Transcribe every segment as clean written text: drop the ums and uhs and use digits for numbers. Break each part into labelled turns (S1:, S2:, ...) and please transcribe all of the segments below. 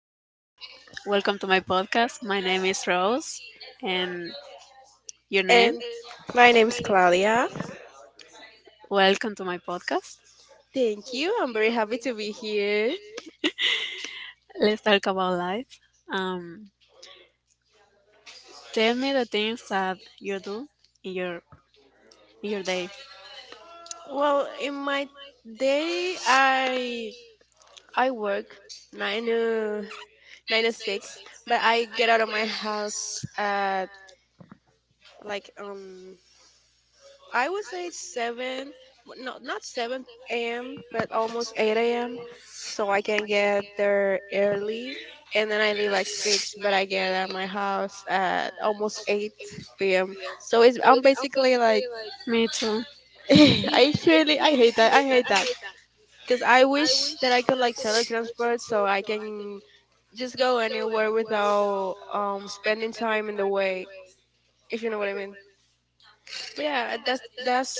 S1: my podcast. My name is Rose and your name?
S2: And my name's Claudia.
S1: Welcome to my podcast.
S2: Thank you. I'm very happy to be here.
S1: Let's talk about life. Um tell me the things that you do in your in your day.
S2: Well, in my day, I work nine to nine to six, but I get out of my house at like I would say it's seven, no, not 7 a.m., but almost 8 a.m. So I can get there early, and then I leave at six, but I get at my house at almost 8 p.m. So it's I'm basically like
S1: Me too.
S2: I hate that. I hate that because I wish that I could like teletransport so I can just go anywhere without spending time in the way, if you know what I mean. But yeah, that's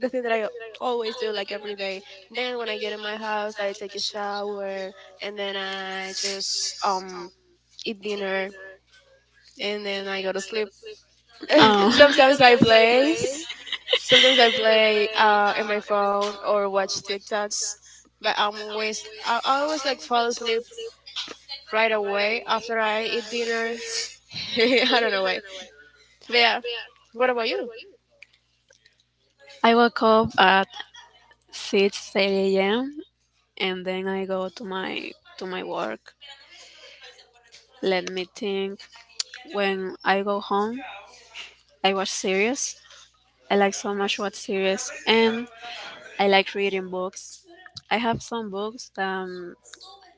S2: the thing that I always do like every day. Then when I get in my house, I take a shower and then I just eat dinner and then I go to sleep.
S1: Um
S2: Sometimes I play. Sometimes I play in my phone or watch TikToks, but I always like fall asleep right away after I eat dinner. I don't know why. But yeah, what about you?
S1: I wake up at 6:30 AM and then I go to my work. Let me think. When I go home I watch series. I like so much watch series and I like reading books. I have some books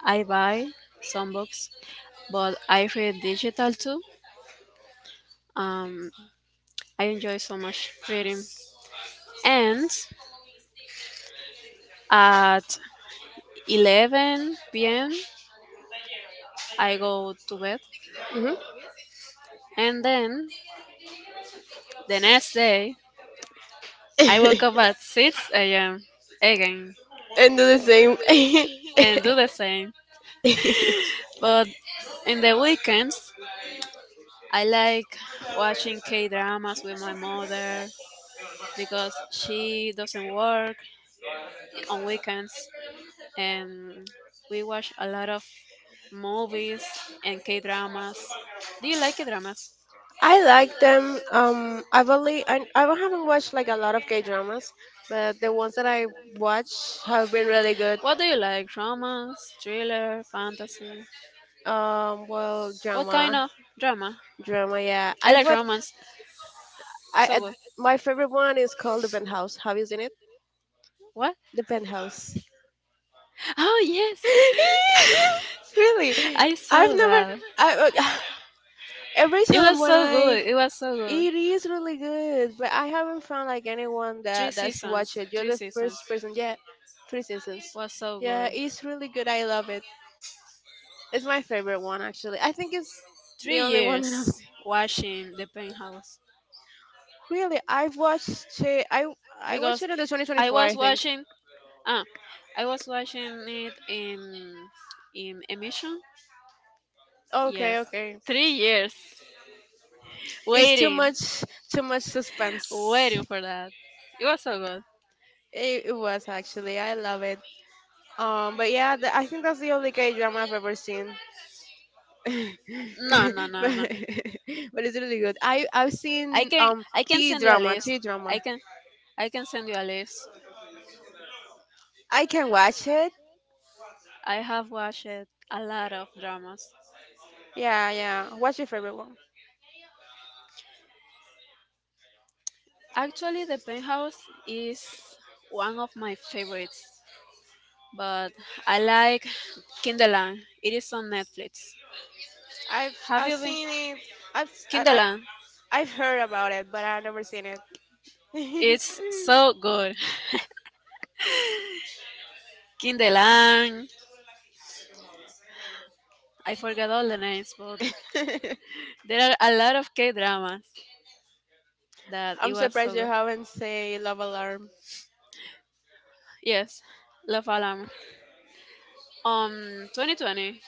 S1: I buy some books, but I read digital too. Um, I enjoy so much reading. And at 11 p.m., I go to bed,
S2: Hmm.
S1: and then the next day I woke up at 6 a.m. again
S2: And do the same.
S1: and do the same. But in the weekends, I like watching K dramas with my mother because she doesn't work on weekends and we watch a lot of movies and K dramas. Do you like K dramas?
S2: I like them. I haven't watched like a lot of K dramas, but the ones that I watch have been really good.
S1: What do you like? Romance, thriller, fantasy?
S2: Well,
S1: What kind
S2: drama,
S1: of drama?
S2: drama, yeah.
S1: I
S2: I
S1: like
S2: watch.
S1: romance.
S2: I
S1: So
S2: ad-
S1: good.
S2: my favorite one is called The Penthouse. Have you seen it?
S1: What?
S2: The Penthouse.
S1: Oh yes.
S2: Yes, really,
S1: I
S2: I've
S1: saw
S2: never.
S1: that.
S2: I every
S1: It
S2: time
S1: was
S2: when
S1: so
S2: I
S1: good. It was so good.
S2: it is really good, but I haven't found like anyone
S1: Three
S2: that's
S1: seasons.
S2: watched it. You're
S1: Three
S2: the
S1: seasons.
S2: first person. Yeah, three seasons.
S1: Was so
S2: Yeah,
S1: good.
S2: it's really good. I love it. It's my favorite one actually. I think it's
S1: three
S2: the only one that I've
S1: years
S2: seen.
S1: watching the penthouse
S2: Really, I've watched it. I watched
S1: because
S2: it in the
S1: I
S2: 2024.
S1: was
S2: I think.
S1: watching ah I was watching it in emission. Yes.
S2: Okay, okay.
S1: 3 years
S2: It's
S1: waiting
S2: too much suspense.
S1: waiting for that. It was so good.
S2: It was actually. I love it. But yeah, the, I think that's the only K drama I've ever seen. but,
S1: No, no,
S2: but
S1: no, no.
S2: it's really good. I've
S1: I
S2: seen
S1: can I can
S2: T
S1: send you a
S2: drama,
S1: list.
S2: T drama.
S1: I can I can send you a list.
S2: I can watch it.
S1: I have watched a lot of dramas.
S2: Yeah, yeah. What's your favorite one?
S1: Actually the penthouse is one of my favorites, but I like Kinderland. It is on Netflix.
S2: I've
S1: Have
S2: I've
S1: you been
S2: seen it. I've s- I, like
S1: Kinderland?
S2: I've heard about it, but I've never seen it.
S1: It's so good. Kinderland. I forgot all the names, but there are a lot of K dramas that it
S2: I'm
S1: was so
S2: surprised you
S1: good.
S2: haven't say Love Alarm.
S1: Yes, Love Alarm. 2020,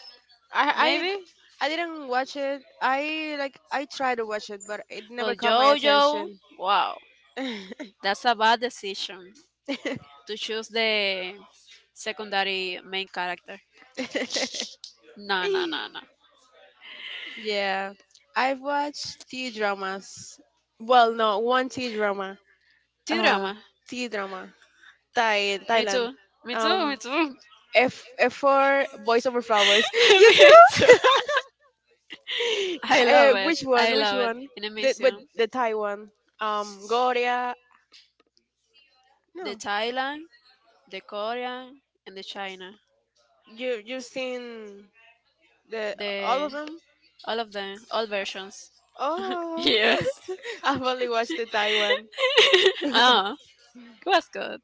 S2: I I
S1: maybe.
S2: I didn't watch it. I tried to watch it, but it never
S1: Well,
S2: caught my
S1: JoJo.
S2: attention.
S1: Wow, that's a bad decision to choose the secondary main character. No, no, no, no.
S2: yeah, I've watched T dramas. Well, no, one T drama.
S1: T
S2: Uh,
S1: drama.
S2: T drama. Thai
S1: Me
S2: Thailand.
S1: too. Me too,
S2: Um,
S1: me too.
S2: F for Boys Over Flowers. you
S1: Me too.
S2: too.
S1: I love it.
S2: Which one?
S1: I
S2: Which
S1: love it.
S2: one?
S1: In a
S2: The but
S1: mission.
S2: the Thai one. Goria.
S1: The
S2: No,
S1: Thailand, the Korean, and the China.
S2: you've seen the all of
S1: The
S2: them.
S1: all of them, all versions.
S2: Oh,
S1: Yes.
S2: I've only watched the Taiwan.
S1: Oh, it was good.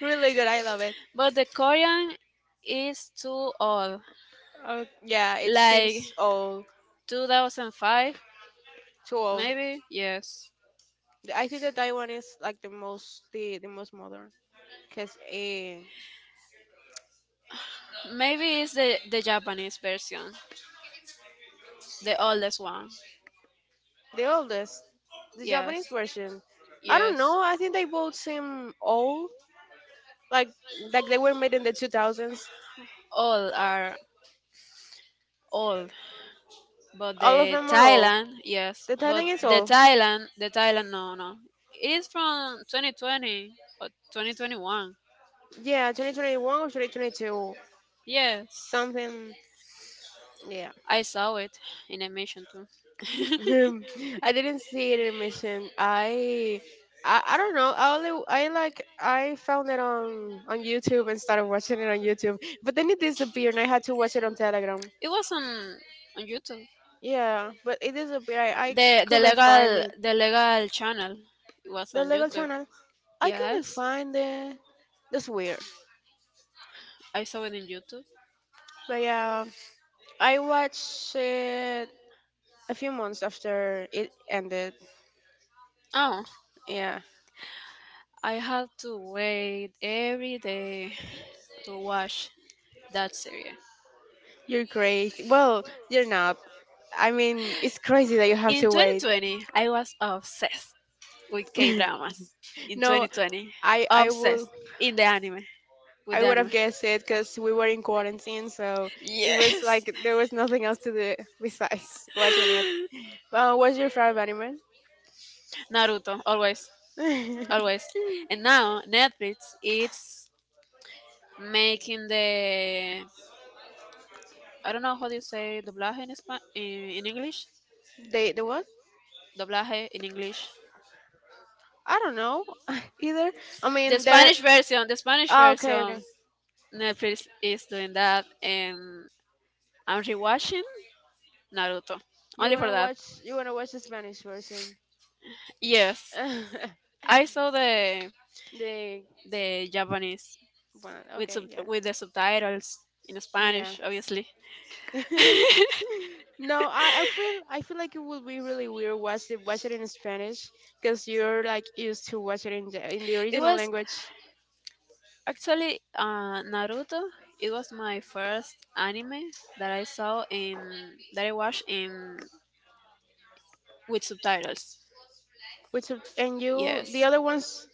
S2: really good. I love it.
S1: But the Korean is too old.
S2: Oh, yeah, it
S1: Like
S2: seems old,
S1: 2005,
S2: too old.
S1: maybe? Yes.
S2: I think the Taiwan is like the most modern because eh,
S1: Maybe it's the Japanese version, the oldest one.
S2: the oldest, the
S1: Yes,
S2: Japanese version. I
S1: yes.
S2: don't know. I think they both seem old. Like like they were made in the 2000s.
S1: All are old, but
S2: All of
S1: the
S2: them are old.
S1: Thailand, yes,
S2: The
S1: but
S2: Thailand is
S1: the
S2: old.
S1: Thailand, the Thailand, no, no, it is from 2020 or 2021.
S2: Yeah, 2021 or 2022,
S1: Yes,
S2: something. Yeah.
S1: I saw it in a mission too.
S2: Um, I didn't see it in Mission. I, I don't know. I only I like I found it on YouTube and started watching it on YouTube. But then it disappeared and I had to watch it on Telegram.
S1: It was on YouTube.
S2: Yeah, but it disappeared. I
S1: The the
S2: couldn't find
S1: legal
S2: it.
S1: the legal channel was
S2: The
S1: on
S2: legal
S1: YouTube.
S2: channel. I couldn't
S1: Yes,
S2: find it. That's weird.
S1: I saw it in YouTube.
S2: But yeah, I watched it a few months after it ended.
S1: Oh,
S2: Yeah,
S1: I had to wait every day to watch that serious.
S2: you're crazy. Well, you're not. I mean, it's crazy that you have
S1: In
S2: to wait.
S1: 2020, I was obsessed with K dramas. In
S2: No,
S1: 2020,
S2: I I
S1: obsessed
S2: will
S1: in the anime with
S2: I
S1: the
S2: would have
S1: anime.
S2: guessed it because we were in quarantine, so it was
S1: Yes,
S2: like there was nothing else to do besides watching it. Well, what's your favorite anime?
S1: Naruto, always, always. And now Netflix is making the I don't know how do you say doblaje in in English.
S2: they the what?
S1: Doblaje in English.
S2: I don't know either. I
S1: The
S2: mean, there.
S1: Spanish version, the Spanish
S2: Ah, okay, okay.
S1: version. Netflix is doing that, and I'm rewatching Naruto
S2: You
S1: only for
S2: wanna
S1: that.
S2: watch you wanna watch the Spanish version?
S1: Yes, I saw the
S2: they
S1: the Japanese
S2: well,
S1: with
S2: okay,
S1: sub-
S2: yeah,
S1: with the subtitles in
S2: yeah.
S1: Spanish, obviously.
S2: no, I, I feel like it would be really weird watch it in Spanish because you're like used to watch it in the
S1: It
S2: original
S1: was
S2: language.
S1: actually Naruto. It was my first anime that I saw in that I watched in with subtitles.
S2: And you the
S1: Yes,
S2: other ones?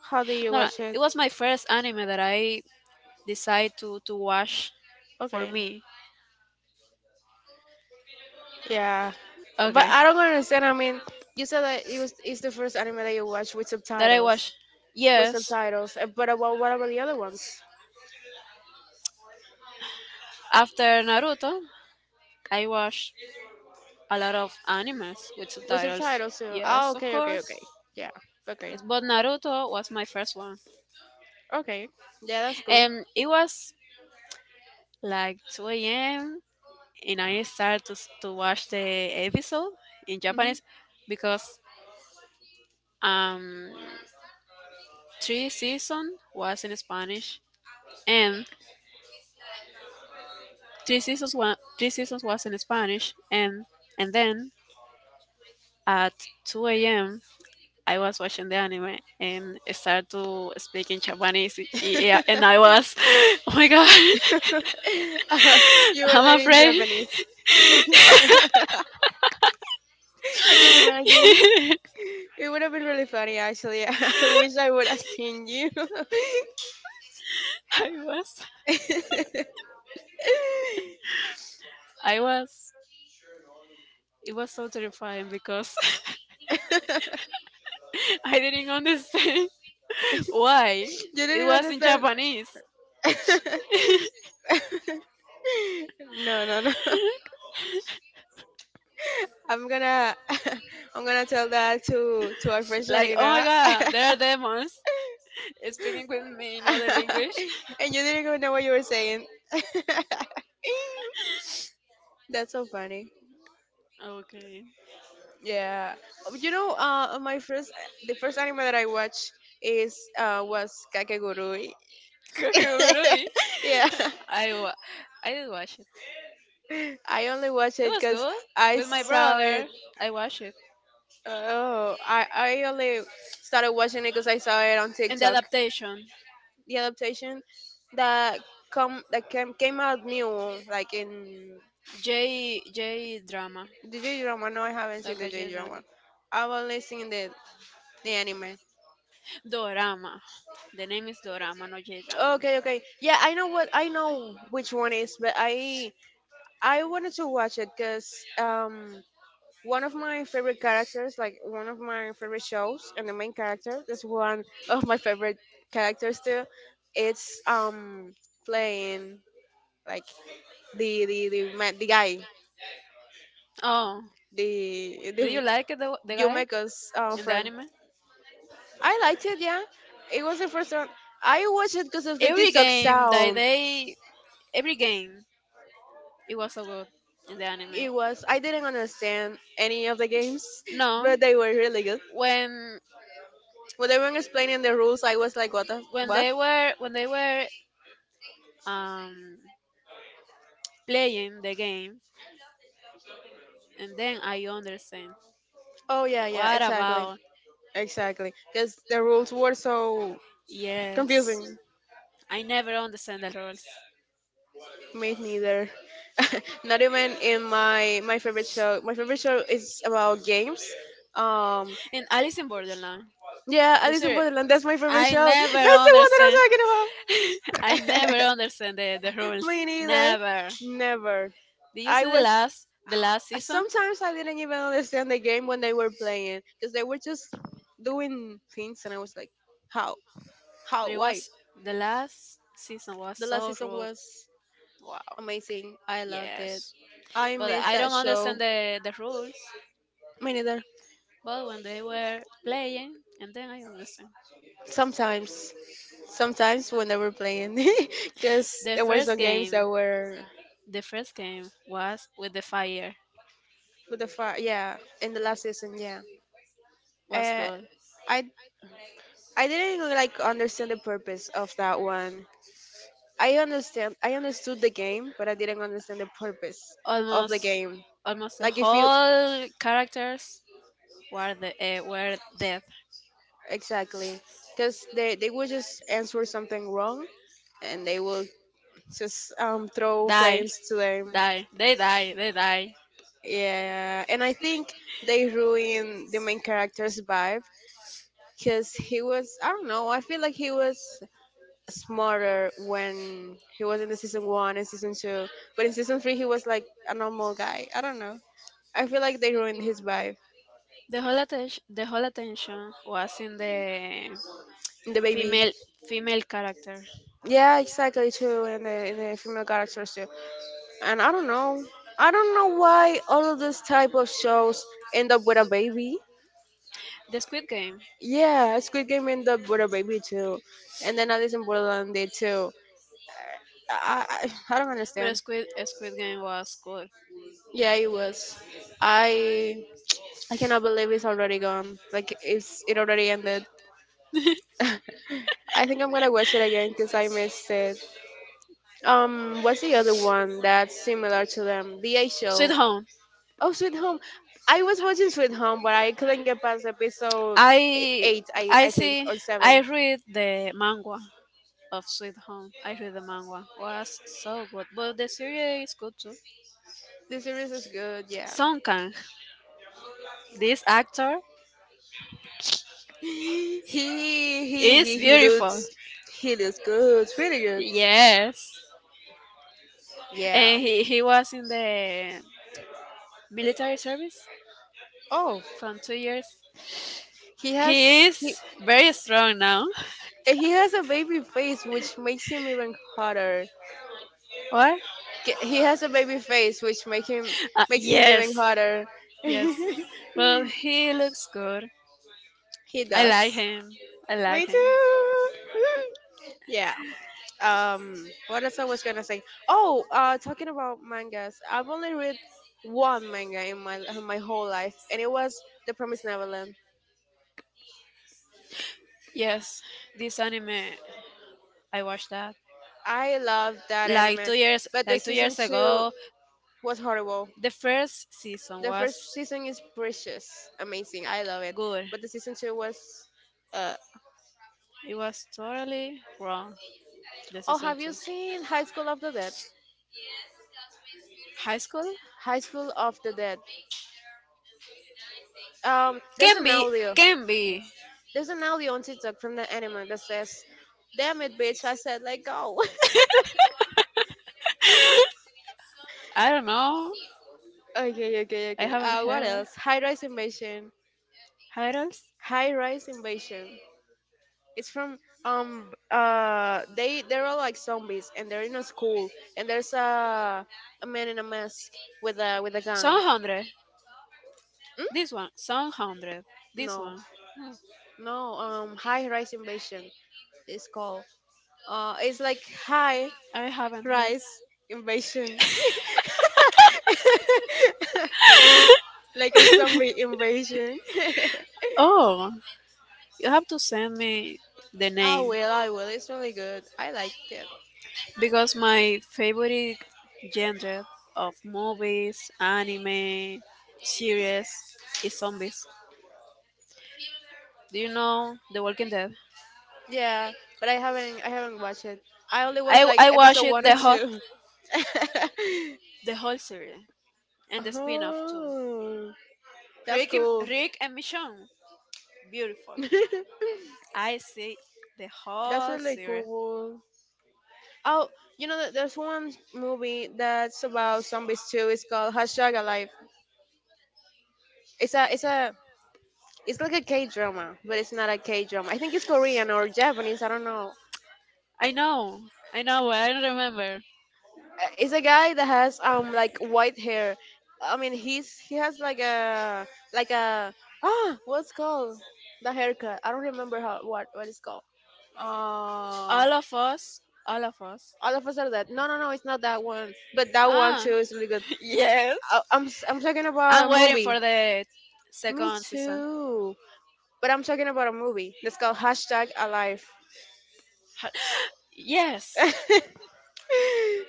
S2: How do you
S1: no, no,
S2: watch it?
S1: it was my first anime that I decided to watch for
S2: Okay,
S1: me.
S2: yeah, but
S1: Okay.
S2: I don't understand. I mean, you said that it was it's the first anime that you watched with
S1: That I
S2: subtitles,
S1: watch.
S2: with
S1: Yes,
S2: subtitles. But about, what about the other ones?
S1: after Naruto, I watched a lot of animes with
S2: With
S1: subtitles.
S2: subtitles too. Oh,
S1: Yes, of
S2: okay, okay,
S1: course.
S2: okay. Yeah, okay,
S1: Yes, but Naruto was my first one.
S2: okay. Yeah, that's cool.
S1: And it was like 2 a.m. and I started to watch the episode in
S2: Hmm.
S1: Japanese because um three season was in Spanish and three seasons was in Spanish and then at 2 a.m. I was watching the anime and started to speak in Japanese. Yeah, and I was, oh my god,
S2: You were
S1: I'm
S2: learning
S1: afraid.
S2: Japanese. I can imagine. It would have been really funny, actually. I wish I would have seen you.
S1: I was,
S2: you
S1: I was, it was so terrifying because I didn't understand why
S2: didn't
S1: it
S2: even
S1: was in
S2: understand.
S1: Japanese.
S2: no, no, no. I'm gonna, I'm gonna tell that to our friend
S1: Like, oh my
S2: Sharina.
S1: god, there are demons speaking with me in other language.
S2: and you didn't even know what you were saying. That's so funny.
S1: Okay.
S2: Yeah. Oh, you know, my first, the first anime that I watched is was Kakegurui.
S1: Kakegurui.
S2: yeah.
S1: I wa- I did watch it.
S2: I only watched
S1: It
S2: it
S1: was
S2: because
S1: good
S2: I
S1: with my
S2: saw it.
S1: brother. I watched it
S2: Oh, I only started watching it because I saw it on
S1: in the
S2: TikTok.
S1: adaptation.
S2: The adaptation that that came out new, like in
S1: J drama,
S2: the J drama. No, I haven't seen
S1: like
S2: the
S1: a
S2: J
S1: J drama.
S2: drama. I've only seen the anime.
S1: Dorama. The name is Dorama, not J drama.
S2: Okay, okay. Yeah, I know what I know which one is, but I wanted to watch it because um one of my favorite characters, like one of my favorite shows, and the main character. That's one of my favorite characters too. It's playing like the guy
S1: Oh,
S2: the
S1: do
S2: the
S1: you like the guy
S2: Yumeko's
S1: in the
S2: friend.
S1: anime?
S2: I liked it, yeah. It was the first one. I watched it because of the
S1: Every
S2: TikTok
S1: game that
S2: sound.
S1: they every game it was so good in the anime.
S2: It was I didn't understand any of the games,
S1: No,
S2: but they were really good.
S1: when
S2: When they were explaining the rules, I was like, what the
S1: when
S2: what?
S1: they were when they were um playing the game and then I understand.
S2: Oh yeah, yeah,
S1: What
S2: exactly.
S1: about?
S2: Exactly, because the rules were so confusing.
S1: Yes. I never understand the rules.
S2: Me neither. Not even in my favorite show. My favorite show is about games. Um,
S1: In Alice in Borderland,
S2: yeah,
S1: the
S2: Alice in
S1: series,
S2: Borderland. That's my favorite
S1: I
S2: show.
S1: never
S2: That's the one that I'm
S1: understand.
S2: talking
S1: I never
S2: about.
S1: understand the rules.
S2: Me neither.
S1: Never.
S2: Never.
S1: Did you
S2: I
S1: see the
S2: was
S1: last the last season?
S2: sometimes I didn't even understand the game when they were playing because they were just doing things, and I was like, how, how,
S1: But it
S2: why?
S1: was the last season was
S2: The last
S1: so
S2: season
S1: rude.
S2: was
S1: Wow.
S2: amazing. I loved it.
S1: Yes.
S2: I
S1: But
S2: miss
S1: I
S2: that
S1: don't
S2: show.
S1: understand the rules.
S2: Me neither.
S1: But when they were playing, and then I understand.
S2: Sometimes. Sometimes when they were playing. Because
S1: The
S2: there were
S1: first
S2: some games that
S1: game,
S2: were
S1: the first game was with the fire.
S2: with the fire. Yeah. In the last season. Yeah.
S1: Was
S2: Uh,
S1: good.
S2: I, I didn't like understand the purpose of that one. I understand. I understood the game, but I didn't understand the purpose of the
S1: Almost,
S2: game.
S1: almost the
S2: Like if you
S1: whole characters were dead.
S2: Exactly, because they would just answer something wrong, and they will just throw
S1: Die,
S2: flames to them.
S1: die. They die. They die.
S2: Yeah, and I think they ruined the main character's vibe because he was, I don't know, I feel like he was smarter when he was in the season one and season two, but in season three he was like a normal guy. I don't know. I feel like they ruined his vibe.
S1: The whole attention was in the
S2: The baby.
S1: female female character.
S2: Yeah, exactly too, and and the female characters too. And I don't know. I don't know why all of this type of shows end up with a baby.
S1: The Squid Game,
S2: Yeah, Squid Game ended up with a baby too. And then Alice in Borderland did too. I don't
S1: but
S2: understand.
S1: Squid Game was good.
S2: Yeah, it was. I I cannot believe it's already gone. Like it already ended. I think I'm gonna watch it again because I missed it. What's the other one that's similar to them? The A
S1: Sweet
S2: Show.
S1: Home.
S2: Oh, Sweet Home. I was watching Sweet Home, but I couldn't get past episode
S1: I
S2: eight. I
S1: I
S2: I think
S1: see.
S2: or seven.
S1: I read the manga of Sweet Home. I read the manga. Was so good, but the series is good too.
S2: The series is good. Yeah.
S1: Song Kang, this actor
S2: He he
S1: is
S2: he he
S1: beautiful.
S2: looks he looks good. Really good.
S1: Yes,
S2: Yeah.
S1: and he was in the military service
S2: Oh.
S1: from 2 years.
S2: He has
S1: He
S2: he
S1: is very strong now.
S2: he has a baby face, which makes him even hotter.
S1: What?
S2: He has a baby face, which make him makes him even
S1: Yes,
S2: hotter. he
S1: yes. Well, he looks good. I like
S2: does.
S1: him. I like
S2: Me
S1: him.
S2: too. yeah. Um. What else I was gonna say? Oh. Talking about mangas, I've only read one manga in my whole life, and it was The Promised Neverland.
S1: Yes, this anime I watched that
S2: I loved that anime, but the
S1: like two
S2: season
S1: years
S2: two
S1: ago.
S2: was horrible.
S1: The first season
S2: The
S1: was
S2: first season is precious, amazing. I love it.
S1: good.
S2: But the season two was, uh,
S1: It was totally wrong. The
S2: oh,
S1: season
S2: have
S1: two,
S2: you seen High School of the Dead?
S1: high school
S2: High School of the Dead. There's
S1: can
S2: an
S1: be
S2: audio.
S1: can be.
S2: There's an audio on TikTok from the anime that says, "Damn it, bitch!" I said, "Let go."
S1: I don't know.
S2: okay, okay,
S1: I
S2: okay.
S1: haven't heard
S2: What
S1: of
S2: else? High Rise Invasion.
S1: titles.
S2: High Rise Invasion. It's from um they're all like zombies and they're in a school and there's a man in a mask with a gun.
S1: Some
S2: Hmm?
S1: hundred. This one. Some hundred. This
S2: No,
S1: one. Hmm,
S2: no. High rise invasion is called. It's like high
S1: I haven't heard.
S2: rise invasion, like a zombie invasion.
S1: Oh, you have to send me the
S2: I
S1: name
S2: will, I will. It's really good. I liked it.
S1: because my favorite genre of movies, anime, series is zombies. Do you know The Walking Dead?
S2: Yeah, but I haven't watched it. I only watched
S1: I
S2: like
S1: I
S2: episode
S1: watched it
S2: one
S1: the
S2: and
S1: whole
S2: two.
S1: the whole series and the spin-off too.
S2: Oh, that's
S1: Rick and,
S2: cool.
S1: Rick and Michonne, beautiful. I see the
S2: That's
S1: whole
S2: really
S1: series.
S2: cool. Oh, that there's one movie that's about zombies too. It's called Hashtag Alive. It's a, it's a, it's like a K drama, but it's not a K drama. I think it's Korean or Japanese. I don't know.
S1: I know, I know, but I don't remember.
S2: It's a guy that has like white hair. I mean, he has like a what's called the haircut. I don't remember how what it's called. Uh,
S1: All of us, all of us
S2: all of us are that. No, no, no, it's not that one. But that one
S1: Ah,
S2: too is really good.
S1: Yes.
S2: I'm talking about a
S1: I'm waiting
S2: movie.
S1: for the
S2: Me
S1: second season.
S2: too. But I'm talking about a movie that's called Hashtag Alive.
S1: Ha- Yes,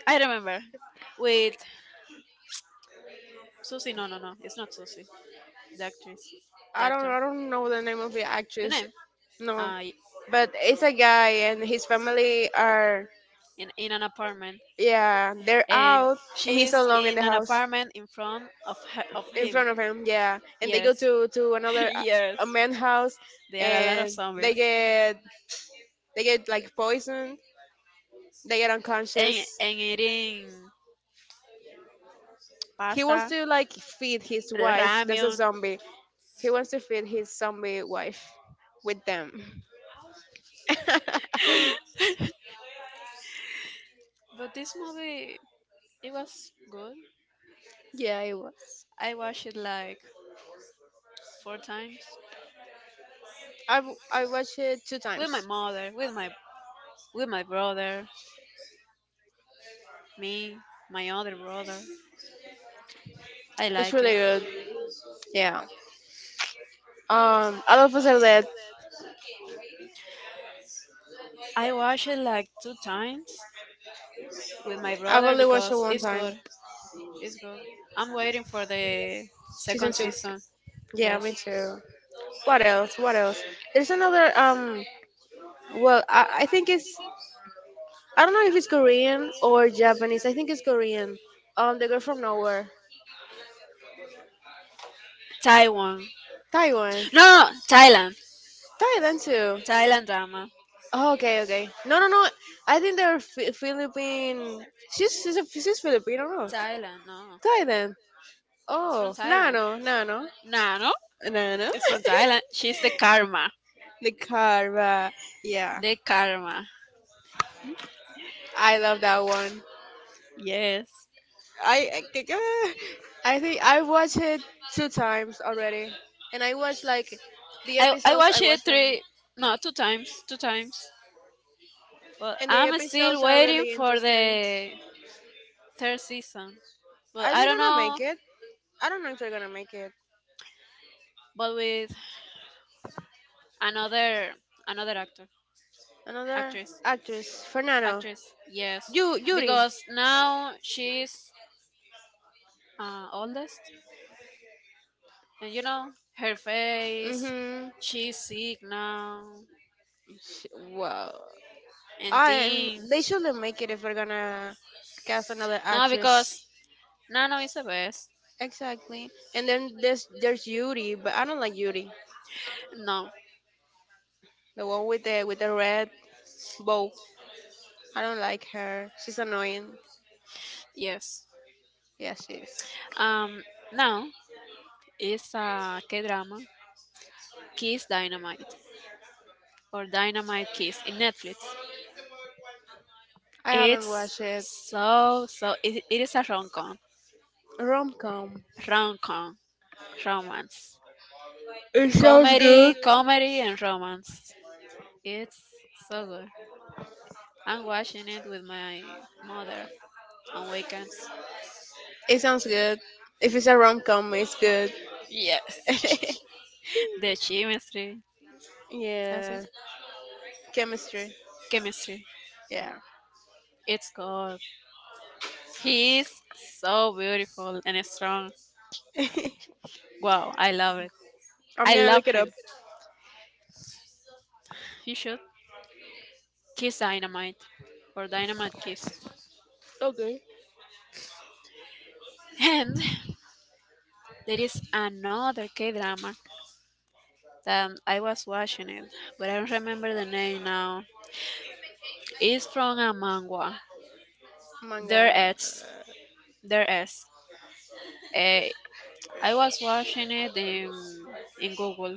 S1: I remember. With Susie, no, no, no, it's not Susie. The actress, the
S2: I don't
S1: actor,
S2: I don't know the name of the
S1: the
S2: actress.
S1: name.
S2: No.
S1: Uh, y-
S2: But it's a guy and his family are,
S1: in an apartment,
S2: yeah, they're
S1: and
S2: out, and he's
S1: she's
S2: alone in the
S1: in an
S2: house
S1: apartment in front of her, of
S2: in
S1: him.
S2: front of him, yeah. And they go
S1: Yes,
S2: to another
S1: yes.
S2: a man's house,
S1: There are a lot of
S2: and they
S1: zombies,
S2: get they get like poisoned. They get
S1: and
S2: unconscious.
S1: and eating
S2: He wants
S1: pasta,
S2: to like feed his wife. That's a
S1: ramen.
S2: zombie. He wants to feed his zombie wife with them.
S1: But this movie, it was good.
S2: Yeah, it was.
S1: I watched it like four times
S2: I watched it two
S1: with my
S2: times.
S1: mother, with my brother, me, my other brother. I
S2: It's
S1: like
S2: really
S1: it.
S2: good. Yeah. All of Us Are Dead.
S1: I watched it like two times with my
S2: I've
S1: brother
S2: only watched
S1: because
S2: it one
S1: it's
S2: time.
S1: good. It's good. I'm waiting for the
S2: Season
S1: second
S2: two.
S1: season.
S2: Yeah,
S1: Yes.
S2: me too. What else? What else? There's another. Well, I think it's. I don't know if it's Korean or Japanese. I think it's Korean. The girl from nowhere.
S1: Taiwan.
S2: Taiwan.
S1: No, no, Thailand.
S2: Thailand too.
S1: Thailand drama.
S2: Oh, okay, okay. No, no, no. I think they're Philippine. She's Filipino. No,
S1: Thailand. No,
S2: Thailand.
S1: it's from
S2: Oh,
S1: Thailand.
S2: Nano, Nano,
S1: Nah, no,
S2: Nano.
S1: it's from Thailand. She's the karma.
S2: The car, yeah,
S1: The karma.
S2: I love that one.
S1: Yes.
S2: I, I think uh, I think I watched it two times already, and I watched like the
S1: I
S2: episodes. I
S1: watched it
S2: watched them,
S1: three, no two times. But
S2: and the
S1: I'm still
S2: episodes are
S1: waiting
S2: really
S1: for
S2: interesting.
S1: the third season. But
S2: Are
S1: I
S2: they
S1: don't
S2: gonna
S1: know.
S2: make it? I don't know if they're gonna make it.
S1: But with another another actor
S2: Another
S1: actress
S2: actress, Fernando,
S1: actress yes,
S2: you Yuri.
S1: because now she's oldest, and you know her face,
S2: Mhm.
S1: she's sick now
S2: Sh- Wow.
S1: and
S2: I
S1: thing,
S2: They shouldn't make it if we're gonna cast another
S1: no,
S2: actress.
S1: because Nano is the best,
S2: Exactly. And then there's Yuri, but I don't like Yuri.
S1: no,
S2: The one with the red bow. I don't like her. She's annoying.
S1: yes,
S2: Yeah, she is.
S1: um now it's a K drama, Kiss Dynamite or Dynamite Kiss in Netflix.
S2: I haven't
S1: It's
S2: watched it.
S1: so it is a rom-com,
S2: Rom com.
S1: rom-com, romance,
S2: It sounds good.
S1: comedy, comedy and romance. It's so good. I'm watching it with my mother on weekends.
S2: It sounds good. If it's a rom com, it's good.
S1: Yes, the chemistry, that's it,
S2: Yeah. Chemistry.
S1: chemistry.
S2: Yeah.
S1: It's good. He's so beautiful and strong. Wow, I love it.
S2: I'm
S1: I
S2: gonna look
S1: love
S2: it
S1: him.
S2: up.
S1: You should. Kiss Dynamite or Dynamite Kiss.
S2: Okay.
S1: And there is another K drama that I was watching it, but I don't remember the name now. It's from a manga.
S2: Manga.
S1: There is. There is. Eh, I was watching it in Google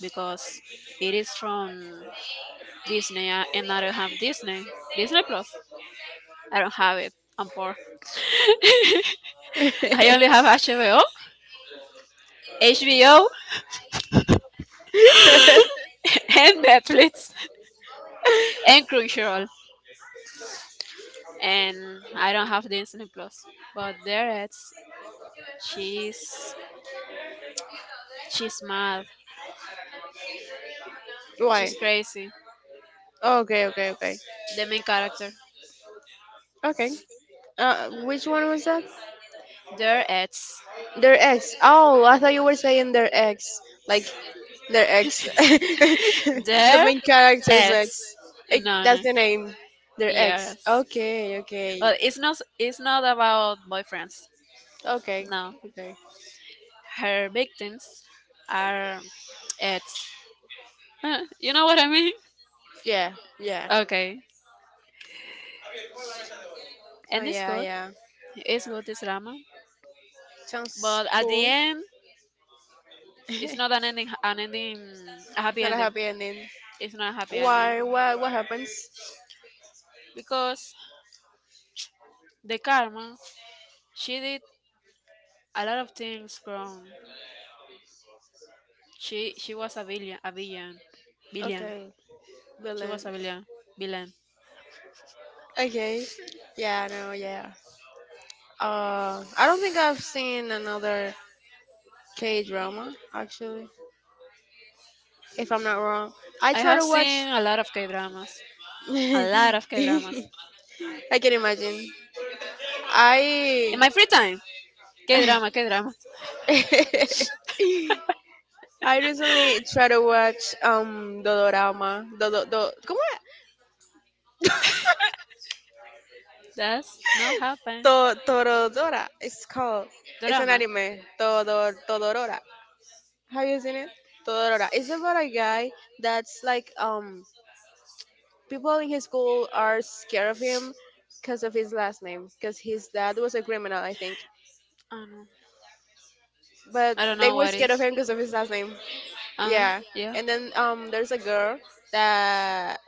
S1: because it is from Disney and I don't have Disney. Disney Plus. I don't have it. I'm poor. I only have HBO, and Netflix, and Crunchyroll. And I don't have the Disney Plus. But there it's she's she's mad.
S2: Why?
S1: She's crazy.
S2: Oh, okay, okay, okay.
S1: The main character.
S2: Okay. Uh, which one was that?
S1: There it's
S2: Their ex. Oh, I thought you were saying their ex. Like their ex. The
S1: there
S2: main character's
S1: it's
S2: ex. Eh,
S1: No, no,
S2: that's the name. Their ex.
S1: yes.
S2: Okay, okay.
S1: Well, it's not about boyfriends.
S2: Okay.
S1: No,
S2: Okay.
S1: her victims are it's you know what I mean.
S2: Yeah, yeah.
S1: Okay,
S2: Oh
S1: and it's
S2: yeah,
S1: good.
S2: yeah.
S1: It's good, it's drama.
S2: Sounds
S1: But at the
S2: cool.
S1: end, it's not an ending, an ending, a happy
S2: Not a
S1: ending.
S2: happy ending.
S1: It's not a happy ending.
S2: Why what happens?
S1: Because the karma, she did a lot of things wrong. She was a villain, villain.
S2: Okay,
S1: She was
S2: villain.
S1: a villain, villain.
S2: Okay. Yeah, no, yeah. I don't think I've seen another K drama, actually. If I'm not wrong. I
S1: I
S2: try
S1: have
S2: to watch.
S1: seen a lot of K dramas, a lot of K dramas
S2: I can imagine. I.
S1: in my free time. K drama, K drama.
S2: I recently tried to watch Dodorama. ¿Cómo es?
S1: That's not happen.
S2: Torodora, it's called. It's an
S1: Drama.
S2: anime. Todorora. Have you seen it? Todorora. It's about a guy that's like people in his school are scared of him because of his last name, because his dad was a criminal, I think,
S1: I don't know.
S2: but
S1: I don't
S2: they
S1: know
S2: were
S1: what is.
S2: scared of him because of his last name.
S1: Uh huh.
S2: Yeah.
S1: Yeah.
S2: And then there's a girl that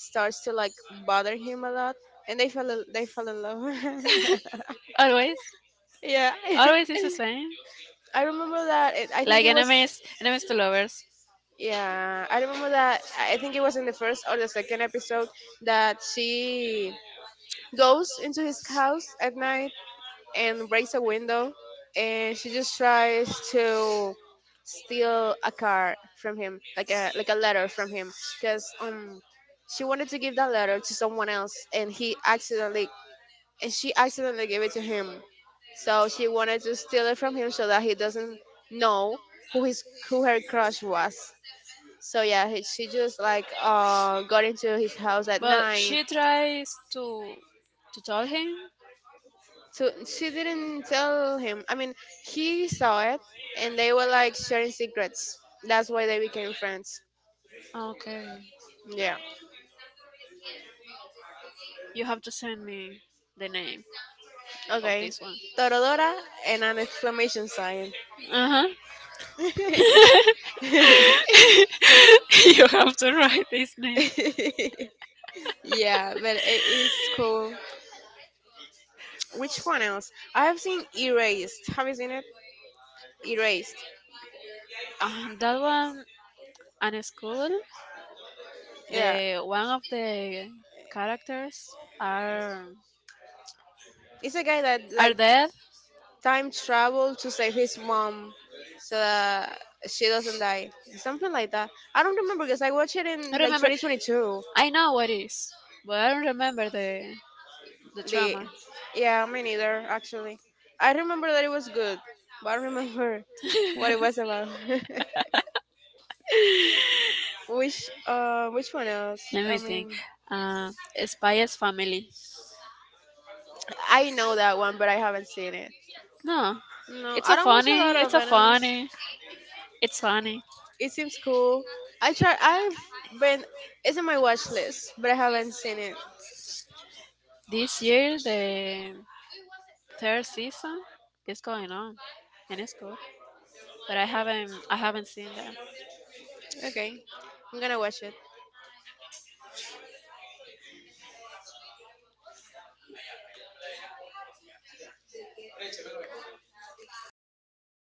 S2: starts to like bother him a lot, and they fell in love.
S1: Always.
S2: Yeah.
S1: Always is the same.
S2: I remember that it, I think
S1: Like
S2: it was,
S1: enemies, enemies to lovers.
S2: yeah, I remember that I think it was in the first or the second episode that she goes into his house at night and breaks a window, and she just tries to steal a car from him like a letter from him, because she wanted to give that letter to someone else, and he accidentally and she accidentally gave it to him, so she wanted to steal it from him so that he doesn't know who her crush was. So yeah, she just like got into his house at
S1: But
S2: night.
S1: she tries to tell him.
S2: So she didn't tell him. I mean, he saw it, and they were like sharing secrets. That's why they became friends.
S1: Okay,
S2: Yeah.
S1: you have to send me the name of
S2: Okay.
S1: this one.
S2: Torodora and an exclamation sign.
S1: Uh huh. You have to write his name.
S2: Yeah, but it is cool. Which one else? I have seen Erased. Have you seen it? Erased.
S1: That one and school.
S2: Yeah.
S1: The one of the characters are
S2: It's a guy that
S1: are
S2: like
S1: dead.
S2: time travel to save his mom so that she doesn't die. Something like that. I don't remember because I watched it
S1: I
S2: in like
S1: remember
S2: 2022.
S1: I know what is, but I don't remember the
S2: The
S1: trauma.
S2: Yeah, me neither actually. I remember that it was good, but I don't remember what it was about. which which one else?
S1: Let
S2: I
S1: me
S2: mean,
S1: think. Uh, Spice Family.
S2: I know that one, but I haven't seen it.
S1: No,
S2: No,
S1: it's
S2: I
S1: a
S2: don't watch a
S1: funny.
S2: lot of
S1: It's a
S2: animes.
S1: funny. It's funny.
S2: It seems cool. I try. I've been. It's in my watch list, but I haven't seen it.
S1: This year the third season is going on, and it's good. But I haven't seen that.
S2: Okay. I'm gonna watch it.